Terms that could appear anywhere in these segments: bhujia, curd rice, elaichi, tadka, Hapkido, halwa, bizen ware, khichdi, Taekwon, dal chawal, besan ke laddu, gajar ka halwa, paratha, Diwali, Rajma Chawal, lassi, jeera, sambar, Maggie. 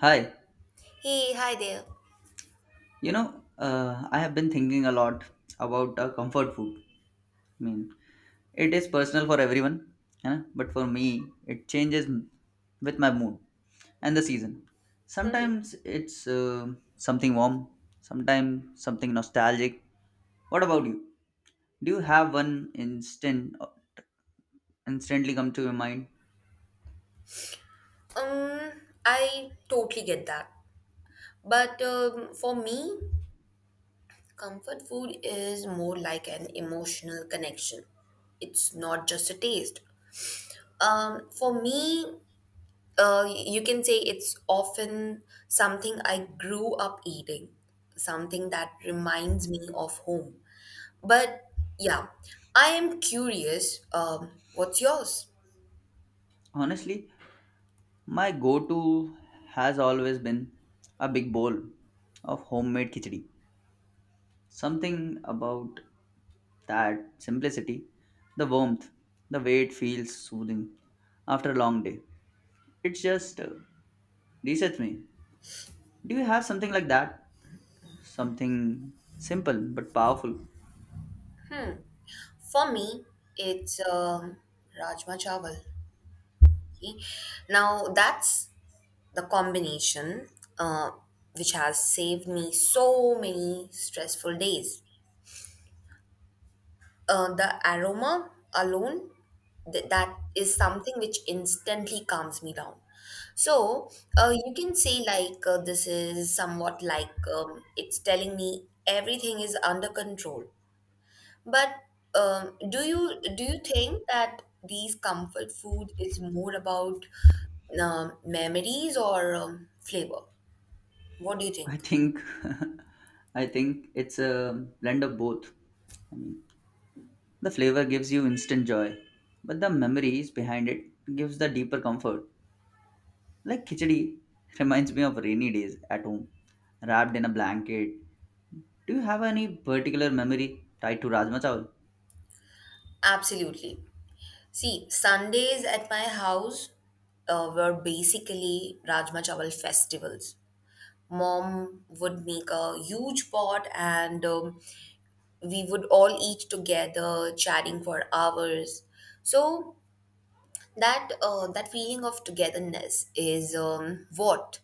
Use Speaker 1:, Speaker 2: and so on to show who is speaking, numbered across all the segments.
Speaker 1: Hi,
Speaker 2: Hey, hi there.
Speaker 1: I have been thinking a lot about comfort food. I mean, it is personal for everyone, huh? But for me, with my mood and the season.
Speaker 2: Mhm.
Speaker 1: Sometimes it's something warm, sometimes something nostalgic. What about you? Do you have one instant instantly come to your mind?
Speaker 2: Um, I totally get that. But for me, comfort food is more like an emotional connection. It's not just a taste. For me, you can say it's often something I grew up eating, something that reminds me of home. But yeah, I am curious, what's yours?
Speaker 1: Honestly, my go-to has always been a big bowl of homemade khichdi. Something about that simplicity, the warmth, the way it feels soothing after a long day. Its just resets me. Do you have something like that? Something simple but powerful.
Speaker 2: For me, it's Rajma Chawal. Okay. Now that's the combination uh, which has saved me so many stressful days. The aroma alone, that is something which instantly calms me down. So you can say like this is somewhat like it's telling me everything is under control. But do you think that these comfort food is more about memories or flavor? What do you
Speaker 1: I
Speaker 2: think?
Speaker 1: think I think it's a blend of both. I mean, the flavor gives you instant joy, but the memories behind it gives the deeper comfort. Like khichdi reminds me of rainy days at home, wrapped in a blanket. Do you have any particular memory tied to Rajma Chawal?
Speaker 2: Absolutely. See, Sundays at my house were basically Rajma Chawal festivals. Mom would make a huge pot and we would all eat together, chatting for hours. So that feeling of togetherness is what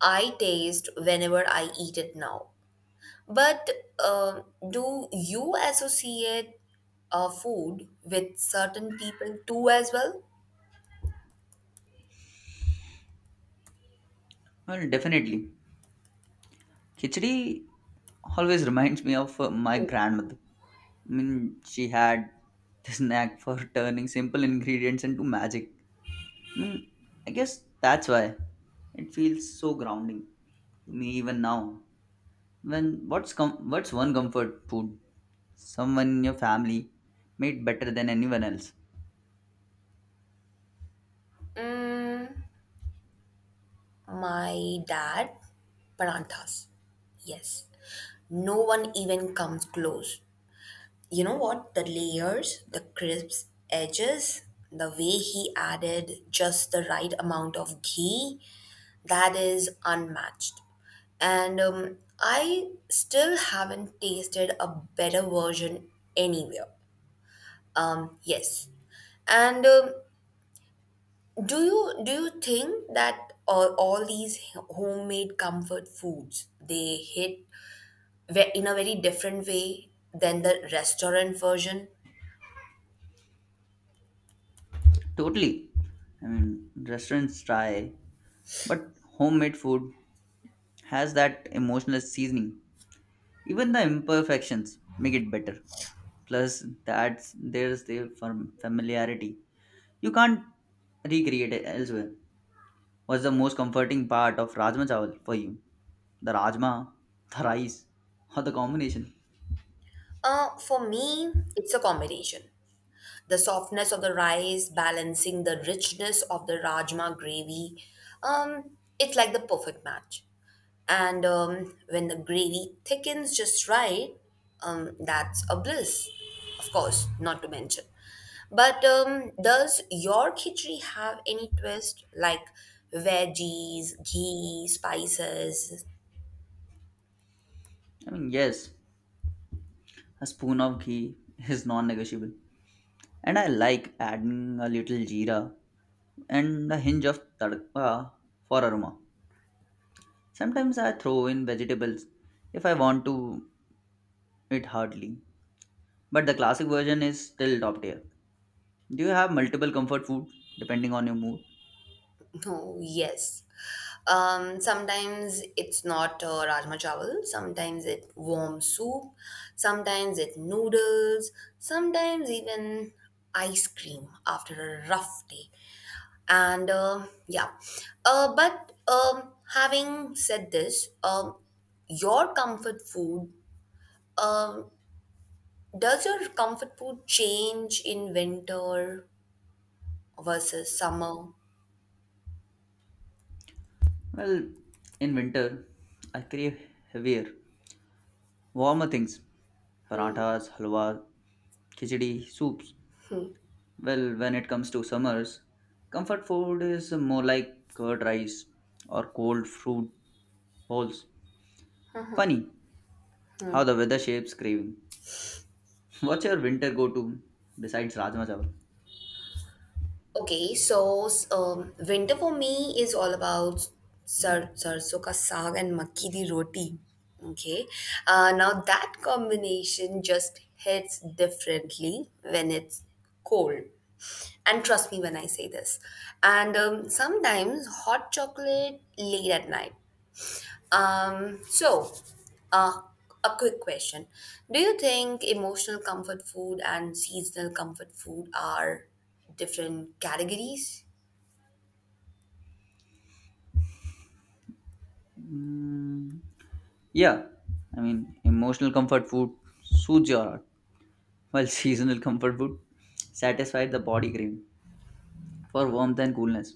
Speaker 2: I taste whenever I eat it now. But um, do you associate food with certain people too as well?
Speaker 1: Well, definitely. Khichdi always reminds me of my grandmother. I mean, she had this knack for turning simple ingredients into magic. I mean, I guess that's why it feels so grounding to me even now. What's one comfort food someone in your family made better than anyone else?
Speaker 2: My dad, paranthas. Yes. No one even comes close. You know what? The layers, the crisp edges, the way he added just the right amount of ghee, that is unmatched. And I still haven't tasted a better version anywhere. Yes. And do you think that all these homemade comfort foods they hit in a very different way than the restaurant version?
Speaker 1: Totally. I mean, restaurants try, but homemade food has that emotional seasoning. Even the imperfections make it better, plus that's there's the familiarity, you can't recreate it elsewhere. What's the most comforting part of rajma chawal for you, the rajma, the rice, or the combination?
Speaker 2: For me, it's a combination. The softness of the rice balancing the richness of the rajma gravy. Um, it's like the perfect match. And when the gravy thickens just right, that's a bliss, of course, not to mention. But does your khichdi have any twist like veggies, ghee, spices?
Speaker 1: I mean yes, a spoon of ghee is non-negotiable, and I like adding a little jeera and a hinge of tadka for aroma. Sometimes I throw in vegetables if I want to eat hardly, but the classic version is still top tier. Do you have multiple comfort food depending on your mood?
Speaker 2: No, yes. Sometimes it's not rajma chawal, sometimes it warm soup, sometimes it noodles, sometimes even ice cream after a rough day. And yeah, but having said this, your comfort food, um, does your comfort food change in winter versus summer?
Speaker 1: Well, in winter, I crave heavier, warmer things, parathas, halwa, khichdi, soups. Well, when it comes to summers, comfort food is more like curd rice or cold fruit bowls. Funny how the weather shapes craving. What's your winter go to besides Rajma Chawal?
Speaker 2: Okay, so winter for me is all about sarson ka saag and makki di roti. Okay, now that combination just hits differently when it's cold. And trust me when I say this. And sometimes hot chocolate late at night. So, uh, a quick question. Do you think emotional comfort food and seasonal comfort food are different categories?
Speaker 1: Mm, yeah, I mean, emotional comfort food soothes your heart, while seasonal comfort food satisfies the body craving for warmth and coolness.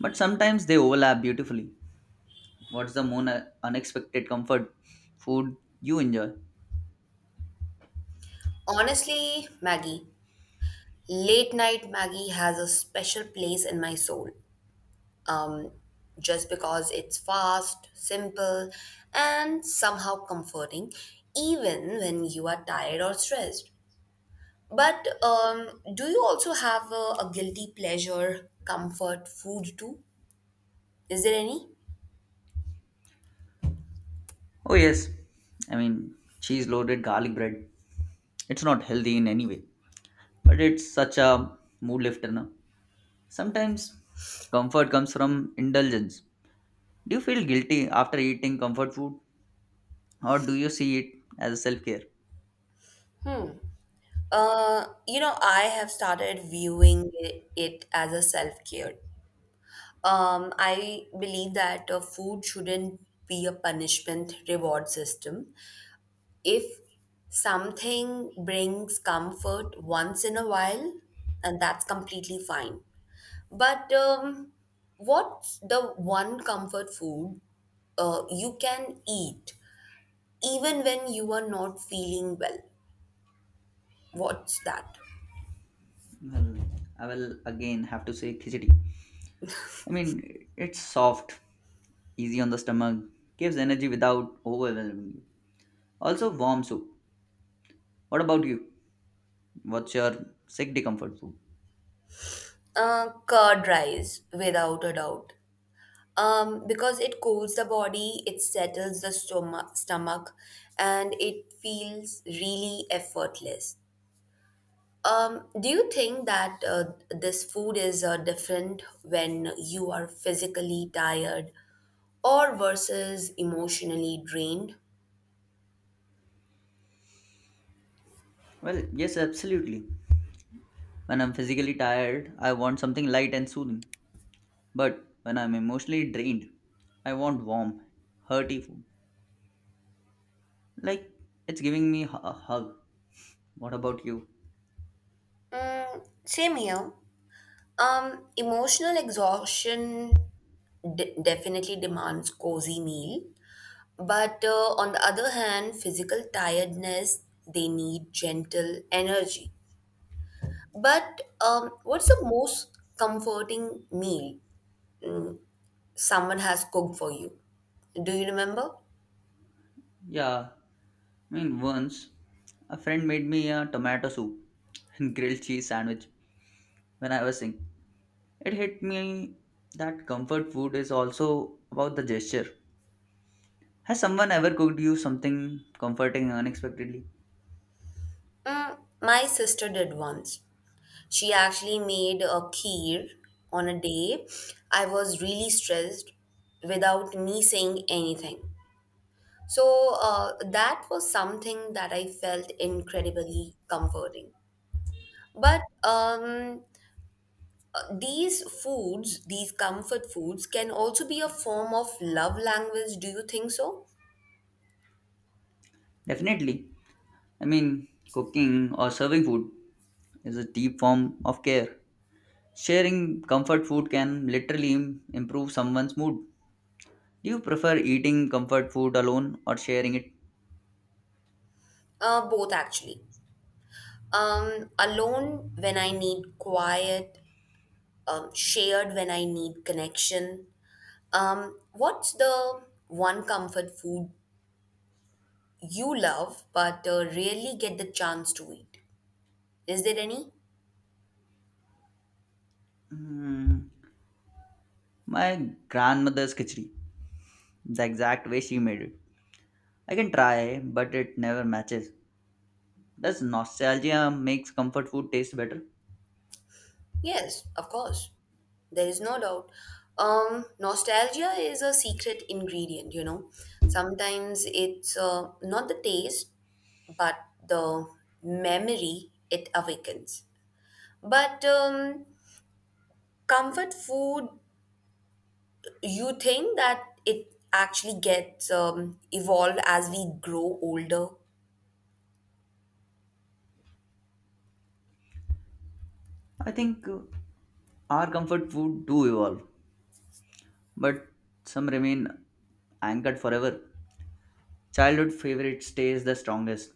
Speaker 1: But sometimes they overlap beautifully. What's the more unexpected comfort food you enjoy?
Speaker 2: Honestly, Maggie, late night Maggie has a special place in my soul. Um, just because it's fast, simple, and somehow comforting, even when you are tired or stressed. But do you also have a guilty pleasure comfort food too? Is there any?
Speaker 1: Oh, yes, I mean, cheese loaded garlic bread. It's not healthy in any way, but it's such a mood lifter. Na? Sometimes comfort comes from indulgence. Do you feel guilty after eating comfort food, or do you see it as self care?
Speaker 2: You know, I have started viewing it as a self-care. I believe that food shouldn't be a punishment reward system. If something brings comfort once in a while, and that's completely fine. But what's the one comfort food you can eat even when you are not feeling well? What's that?
Speaker 1: Well, I will again have to say khichdi. I mean, it's soft, easy on the stomach, gives energy without overwhelming you. Also, warm soup. What about you? What's your sick comfort food?
Speaker 2: Curd rice, without a doubt. Because it cools the body, it settles the stomach, and it feels really effortless. Do you think that this food is different when you are physically tired or versus emotionally drained?
Speaker 1: Well, yes, absolutely. When I'm physically tired, I want something light and soothing. But when I'm emotionally drained, I want warm, hearty food. Like, it's giving me a hug. What about you?
Speaker 2: Mm, same here. Emotional exhaustion definitely demands cozy meal, but on the other hand, physical tiredness, they need gentle energy. But what's the most comforting meal mm, someone has cooked for you? Do you remember?
Speaker 1: Yeah, I mean, once a friend made me a tomato soup and grilled cheese sandwich when I was young. It hit me that comfort food is also about the gesture. Has someone ever cooked you something comforting unexpectedly?
Speaker 2: Mm, my sister did once. She actually made a kheer on a day I was really stressed without me saying anything. So that was something that I felt incredibly comforting. But these foods, these comfort foods, can also be a form of love language. Do you think so?
Speaker 1: Definitely. I mean, cooking or serving food is a deep form of care. Sharing comfort food can literally improve someone's mood. Do you prefer eating comfort food alone or sharing it?
Speaker 2: Both actually. Alone when I need quiet, shared when I need connection. What's the one comfort food you love but rarely get the chance to eat? Is there any?
Speaker 1: Hmm, my grandmother's khichdi, the exact way she made it. I can try, but it never matches. Does nostalgia makes comfort food taste better?
Speaker 2: Yes, of course. There is no doubt. Nostalgia is a secret ingredient, you know. Sometimes it's not the taste, but the memory it awakens. But comfort food, you think that it actually gets evolved as we grow older?
Speaker 1: I think our comfort food do evolve, but some remain anchored forever. Childhood favorite stays the strongest,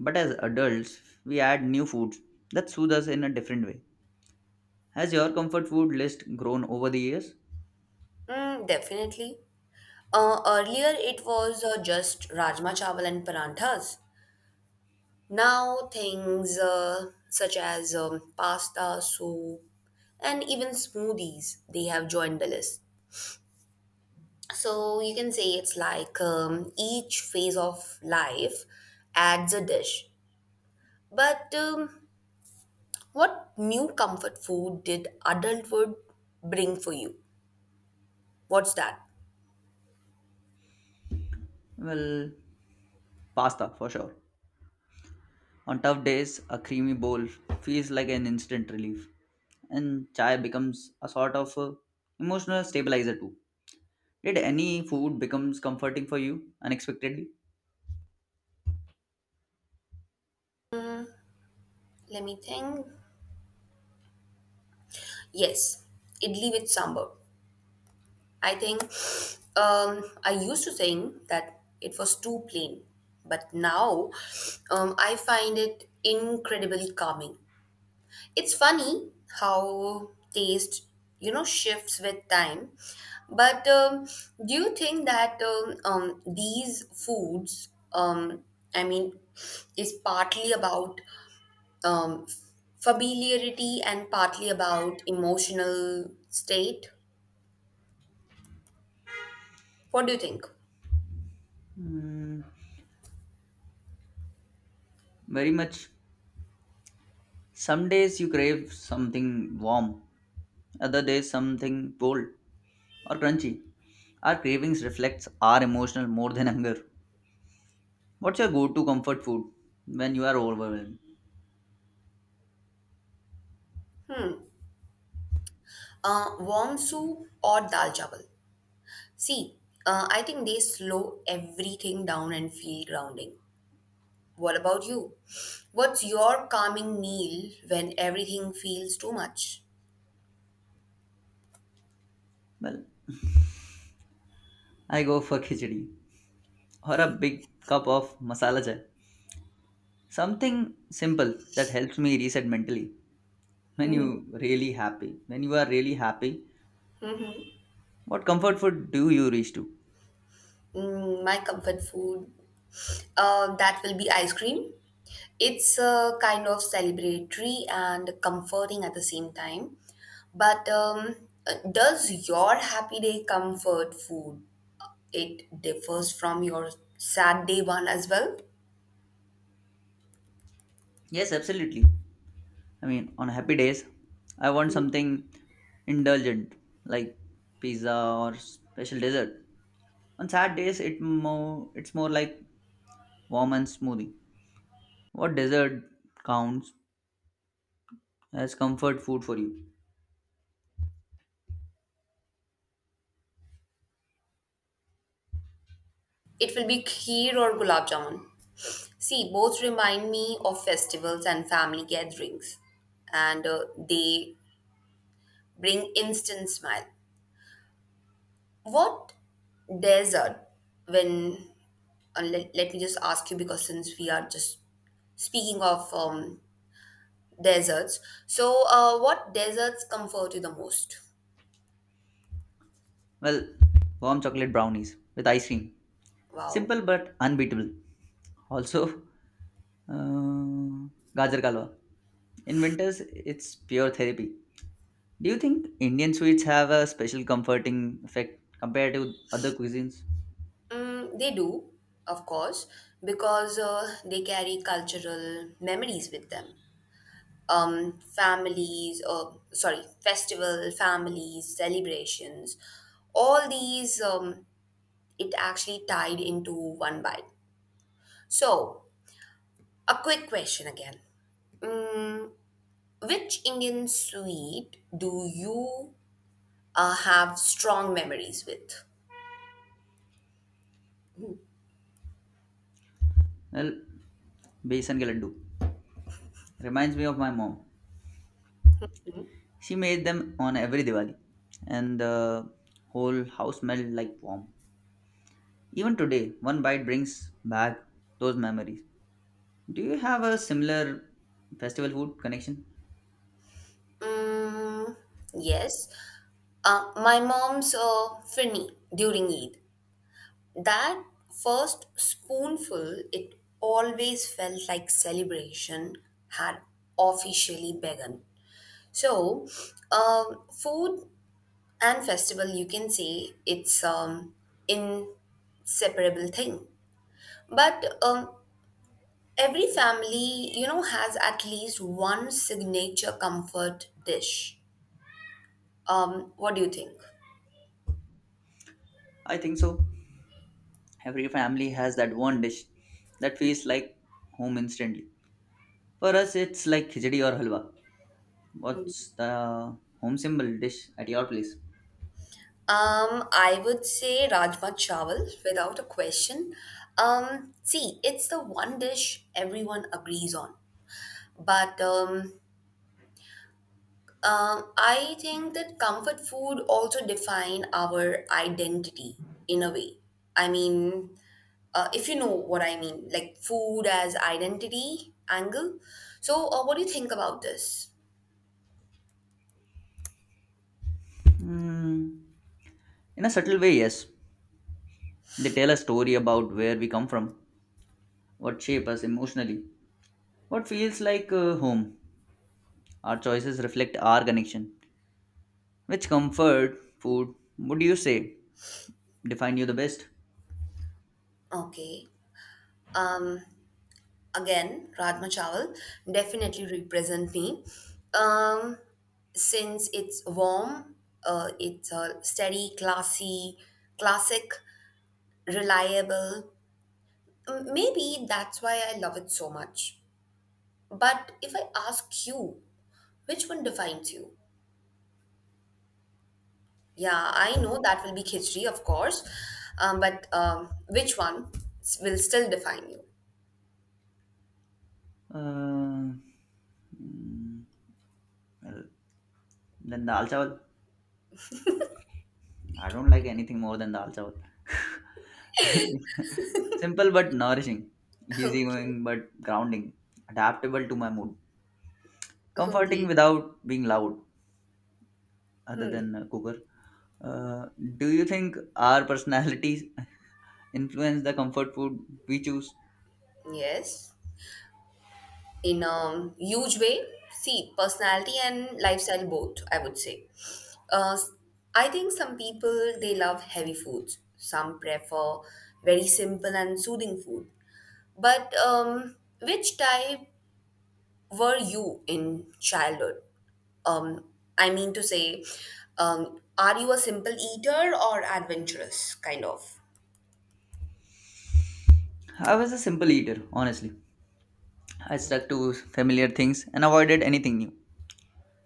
Speaker 1: but as adults, we add new foods that soothe us in a different way. Has your comfort food list grown over the years?
Speaker 2: Mm, definitely. Earlier, it was just rajma chawal and paranthas. Now, things such as pasta, soup, and even smoothies, they have joined the list. So you can say it's like each phase of life adds a dish. But what new comfort food did adulthood bring for you? What's that?
Speaker 1: Well, pasta for sure. On tough days, a creamy bowl feels like an instant relief, and chai becomes a sort of emotional stabilizer too. Did any food becomes comforting for you unexpectedly?
Speaker 2: Let me think. Yes, idli with sambar. I think I used to think that it was too plain, but now I find it incredibly calming. It's funny how taste, you know, shifts with time. But do you think that these foods, I mean, is partly about um, familiarity and partly about emotional state? What do you think?
Speaker 1: Hmm, very much. Some days you crave something warm, other days something cold or crunchy. Our cravings reflects our emotional more than hunger. What's your go-to comfort food when you are overwhelmed?
Speaker 2: Hmm. Warm soup or dal chawal. See, I think they slow everything down and feel grounding. What about you? What's your calming meal when everything feels too much?
Speaker 1: Well, I go for khichdi or a big cup of masala chai. Something simple that helps me reset mentally. When you are really happy,
Speaker 2: Mhm.
Speaker 1: what comfort food do you reach to?
Speaker 2: Mm, my comfort food, that will be ice cream. It's kind of celebratory and comforting at the same time. But does your happy day comfort food it differs from your Saturday one as well.
Speaker 1: Yes, absolutely. I mean, on happy days, I want something indulgent like pizza or special dessert. On sad days, it's more like warm and smoothie. What dessert counts as comfort food for you?
Speaker 2: It will be kheer or gulab jamun. See, both remind me of festivals and family gatherings, and they bring instant smile. What desert? When let me just ask you because since we are just speaking of deserts, so what deserts comfort you the most?
Speaker 1: Well, warm chocolate brownies with ice cream.
Speaker 2: Wow.
Speaker 1: Simple but unbeatable. Also, Uh, gajar ka halwa. In winters, it's pure therapy. Do you think Indian sweets have a special comforting effect compared to other cuisines?
Speaker 2: Mm, they do, of course, because they carry cultural memories with them. Families, or sorry, festival, families, celebrations, all these it actually tied into one bite. So, a quick question again: Which Indian sweet do you have strong memories with?
Speaker 1: Well, besan ke laddu reminds me of my mom. She made them on every Diwali, and the whole house smelled like warm. Even today, one bite brings back those memories. Do you have a similar festival food connection?
Speaker 2: Mm, yes, my mom's firni during Eid. That first spoonful, it always felt like celebration had officially begun. So, food and festival, you can say it's inseparable thing. But every family, you know, has at least one signature comfort dish. What do you think?
Speaker 1: I think so. Every family has that one dish that feels like home instantly. For us, it's like khichdi or halwa. What's the home symbol dish at your place?
Speaker 2: I would say Rajma Chawal without a question. See, it's the one dish everyone agrees on. But I think that comfort food also define our identity in a way. I mean, if you know what I mean, like food as identity angle. So, what do you think about this?
Speaker 1: Hmm. In a subtle way, yes. They tell a story about where we come from, what shape us emotionally, what feels like home. Our choices reflect our connection. Which comfort food would you say define you the best?
Speaker 2: Okay. Um. Again, Rajma Chawal definitely represent me. Um, since it's warm, it's a steady, classy, classic, reliable. Maybe that's why I love it so much. But if I ask you, which one defines you? Yeah, I know that will be khichdi, of course, but which one will still define you?
Speaker 1: Uh, mm, well, then dal chawal. I don't like anything more than dal chawal. Simple but nourishing,
Speaker 2: Okay.
Speaker 1: easygoing but grounding, adaptable to my mood, comforting
Speaker 2: Okay.
Speaker 1: without being loud, other than a cooker. Uh, do you think our personalities influence the comfort food we choose?
Speaker 2: Yes, in a huge way. See, personality and lifestyle both, I would say. Uh, I think some people they love heavy foods. Some prefer very simple and soothing food. But which type were you in childhood? Um, I mean to say, are you a simple eater or adventurous kind of?
Speaker 1: I was a simple eater, honestly. I stuck
Speaker 2: Okay.
Speaker 1: to familiar things and avoided anything new.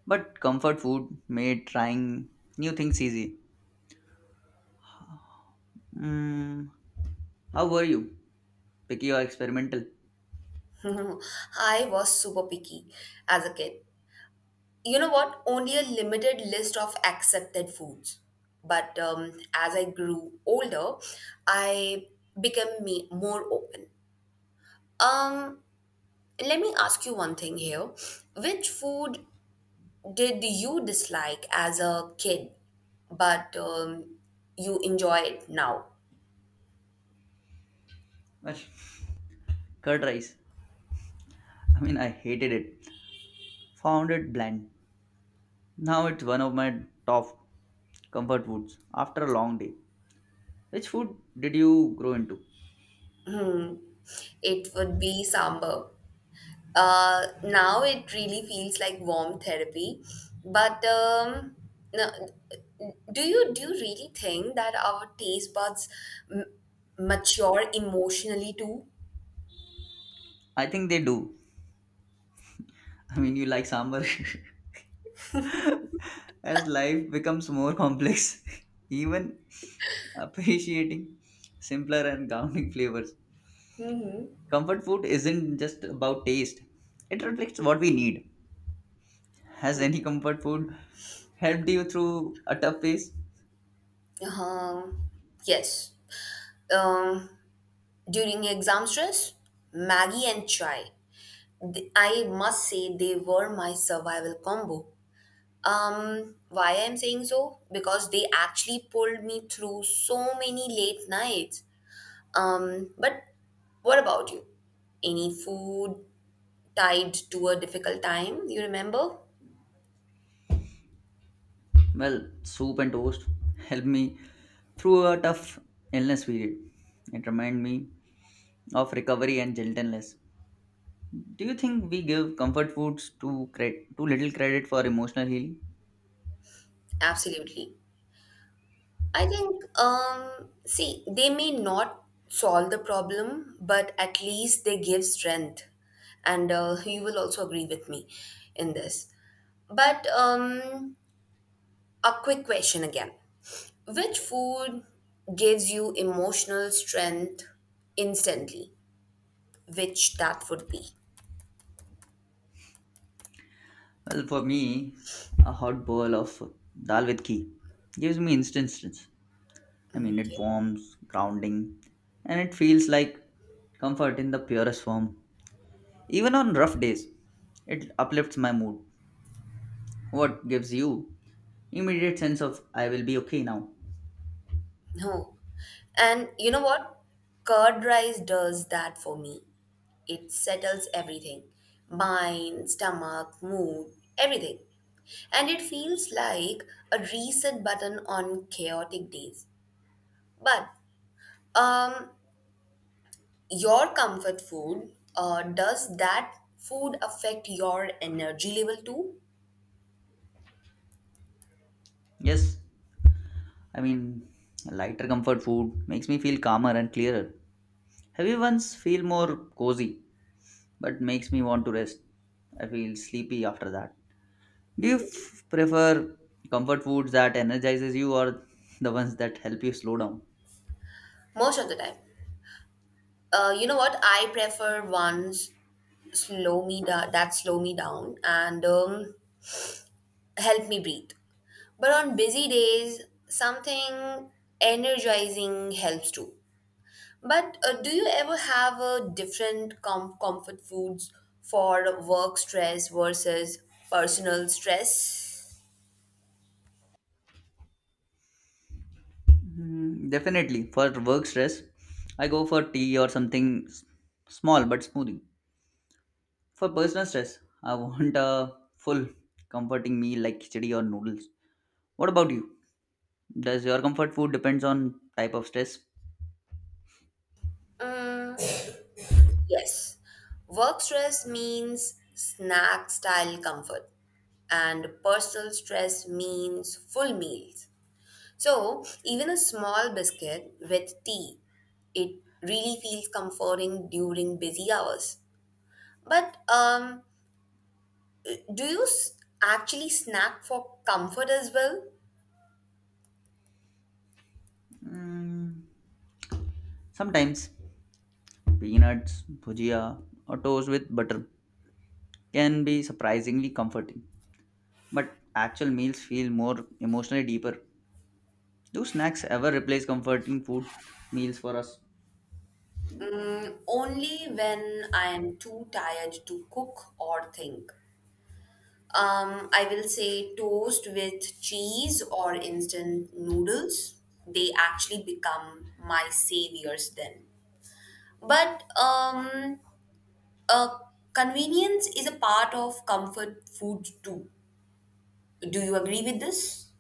Speaker 1: But comfort food made trying new things easy. Mm, how were you? Picky or experimental?
Speaker 2: I was super picky as a kid. You know what, only a limited list of accepted foods, but as I grew older I became me more open. Um, let me ask you one thing here, which food did you dislike as a kid but you enjoy it now?
Speaker 1: Well, curd rice. I mean, I hated it. Found it bland. Now it's one of my top comfort foods after a long day. Which food did you grow into?
Speaker 2: Hmm, it would be sambar. Now it really feels like warm therapy. But no, do you really think that our taste buds m- mature emotionally too?
Speaker 1: I think they do. I mean, you like sambar. As life becomes more complex, even appreciating simpler and grounding flavors.
Speaker 2: Mm-hmm.
Speaker 1: Comfort food isn't just about taste, it reflects what we need. Has any comfort food helped you through a tough phase?
Speaker 2: Uh, yes. Um, during exam stress, Maggie and chai. I must say they were my survival combo. Why I'm saying so? Because they actually pulled me through so many late nights. But what about you? Any food tied to a difficult time you remember?
Speaker 1: Well, Soup and Toast helped me through a tough illness period. It reminded me of recovery and gentleness. Do you think we give comfort foods too, too little credit for emotional healing?
Speaker 2: Absolutely. I think, see, they may not solve the problem, but at least they give strength. And you will also agree with me in this. But a quick question again. Which food gives you emotional strength instantly? Which that would be?
Speaker 1: Well, for me, a hot bowl of dal with ghee gives me instant strength. I mean, it
Speaker 2: Okay.
Speaker 1: warms, grounding, and it feels like comfort in the purest form. Even on rough days, it uplifts my mood. What gives you immediate sense of I will be okay now?
Speaker 2: No. And you know what? Curd rice does that for me. It settles everything — mind, stomach, mood, everything. And it feels like a reset button on chaotic days. But um, your comfort food, does that food affect your energy level too?
Speaker 1: Yes, I mean lighter comfort food makes me feel calmer and clearer. Heavy ones feel more cozy but makes me want to rest. I feel sleepy after that. Do you prefer comfort foods that energizes you or the ones that help you slow down?
Speaker 2: Most of the time. You know what? I prefer ones slow me down that slow me down and help me breathe. But on busy days, something energizing helps too. But do you ever have a different comfort foods for work stress versus personal stress?
Speaker 1: Hmm, definitely. For work stress, I go for tea or something small but smoothing. For personal stress, I want a full comforting meal like khichdi or noodles. What about you? Does your comfort food depends on type of stress?
Speaker 2: Yes. Work stress means snack style comfort, and personal stress means full meals. So, even a small biscuit with tea, it really feels comforting during busy hours. But do you actually snack for comfort as well?
Speaker 1: Mm, sometimes peanuts, bhujia, or toast with butter can be surprisingly comforting, but actual meals feel more emotionally deeper. Do snacks ever replace comforting food meals for us?
Speaker 2: Only when I am too tired to cook or think. I will say toast with cheese or instant noodles. They actually become my saviors then. But uh, convenience is a part of comfort food too. Do you agree with this?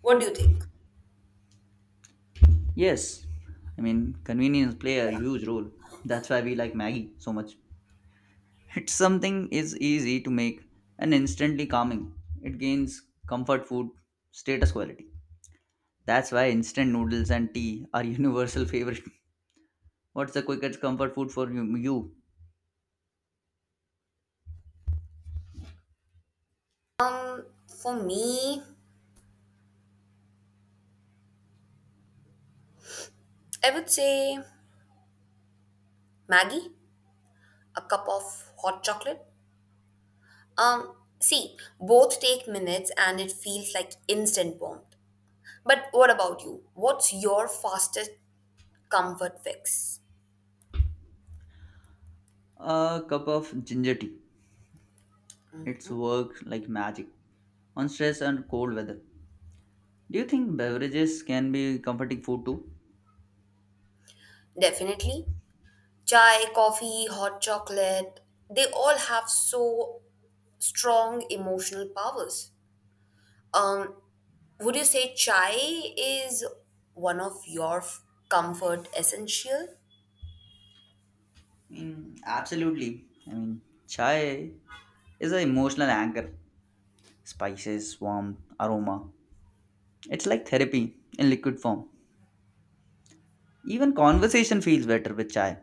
Speaker 2: What do you think?
Speaker 1: Yes, I mean convenience play a huge role. That's why we like Maggie so much. It's something is easy to make and instantly calming. It gains comfort food status quality. That's why instant noodles and tea are universal favorite. What's the quickest comfort food for you?
Speaker 2: For me, I would say Maggie, a cup of hot chocolate. Um, see, both take minutes and it feels like instant warmth. But what about you? What's your fastest comfort fix?
Speaker 1: A cup of ginger tea. It's work like magic on stress and cold weather. Do you think beverages can be comforting food too?
Speaker 2: Definitely. Chai, coffee, hot chocolate, they all have so strong emotional powers. Um, would you say chai is one of your comfort essential?
Speaker 1: I mean, absolutely. I mean, chai is an emotional anchor. Spices, warmth, aroma. It's like therapy in liquid form. Even conversation feels better with chai.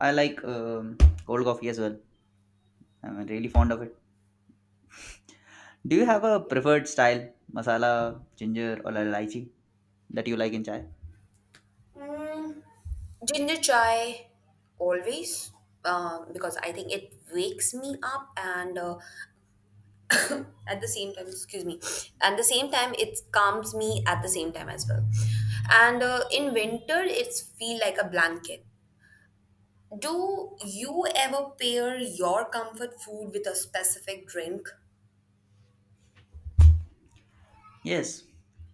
Speaker 1: I like cold coffee as well. I'm really fond of it. Do you have
Speaker 2: Mm.
Speaker 1: a preferred style, masala, ginger, or elaichi that you like in chai?
Speaker 2: Mm, ginger chai, always, because I think it wakes me up and at the same time, excuse me, at the same time, it calms me at the same time as well. And in winter, it's feel like a blanket. Do you ever pair your comfort food with a specific drink?
Speaker 1: Yes.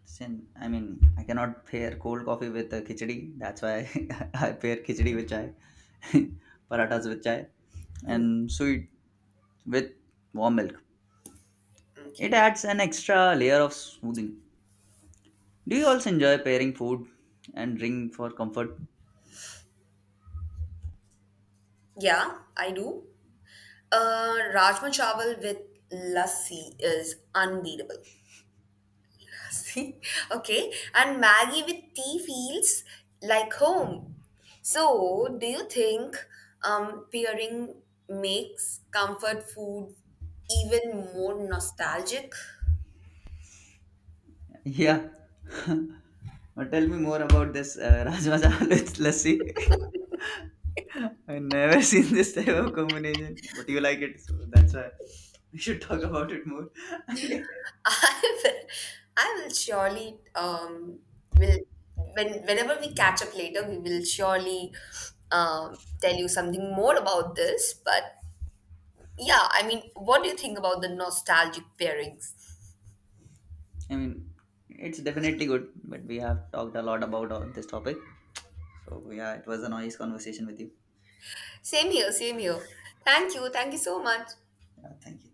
Speaker 1: Sin, I mean, I cannot pair cold coffee with khichdi. That's why I pair khichdi with chai, parathas with chai,
Speaker 2: Mhm.
Speaker 1: and sweet with warm milk. It
Speaker 2: Okay.
Speaker 1: adds an extra layer of smoothing. Do you also enjoy pairing food and drink for comfort?
Speaker 2: Yeah, I do. Rajma chawal with lassi is unbeatable. See? Okay. And Maggie with tea feels like home. So, do you think pairing makes comfort food even more nostalgic?
Speaker 1: Yeah, now tell me more about this Rajma Chawal with lassi. I never seen this type of combination, but you like it, so that's why we should talk about it more. I
Speaker 2: I will, I will surely will when whenever we catch up later, we will surely tell you something more about this. But yeah, I mean, what do you think about the nostalgic pairings?
Speaker 1: mean, it's definitely good, but we have talked a lot about all this topic. So yeah, it was a nice conversation with you.
Speaker 2: Same here, same here. Thank you so much.
Speaker 1: Yeah, thank you.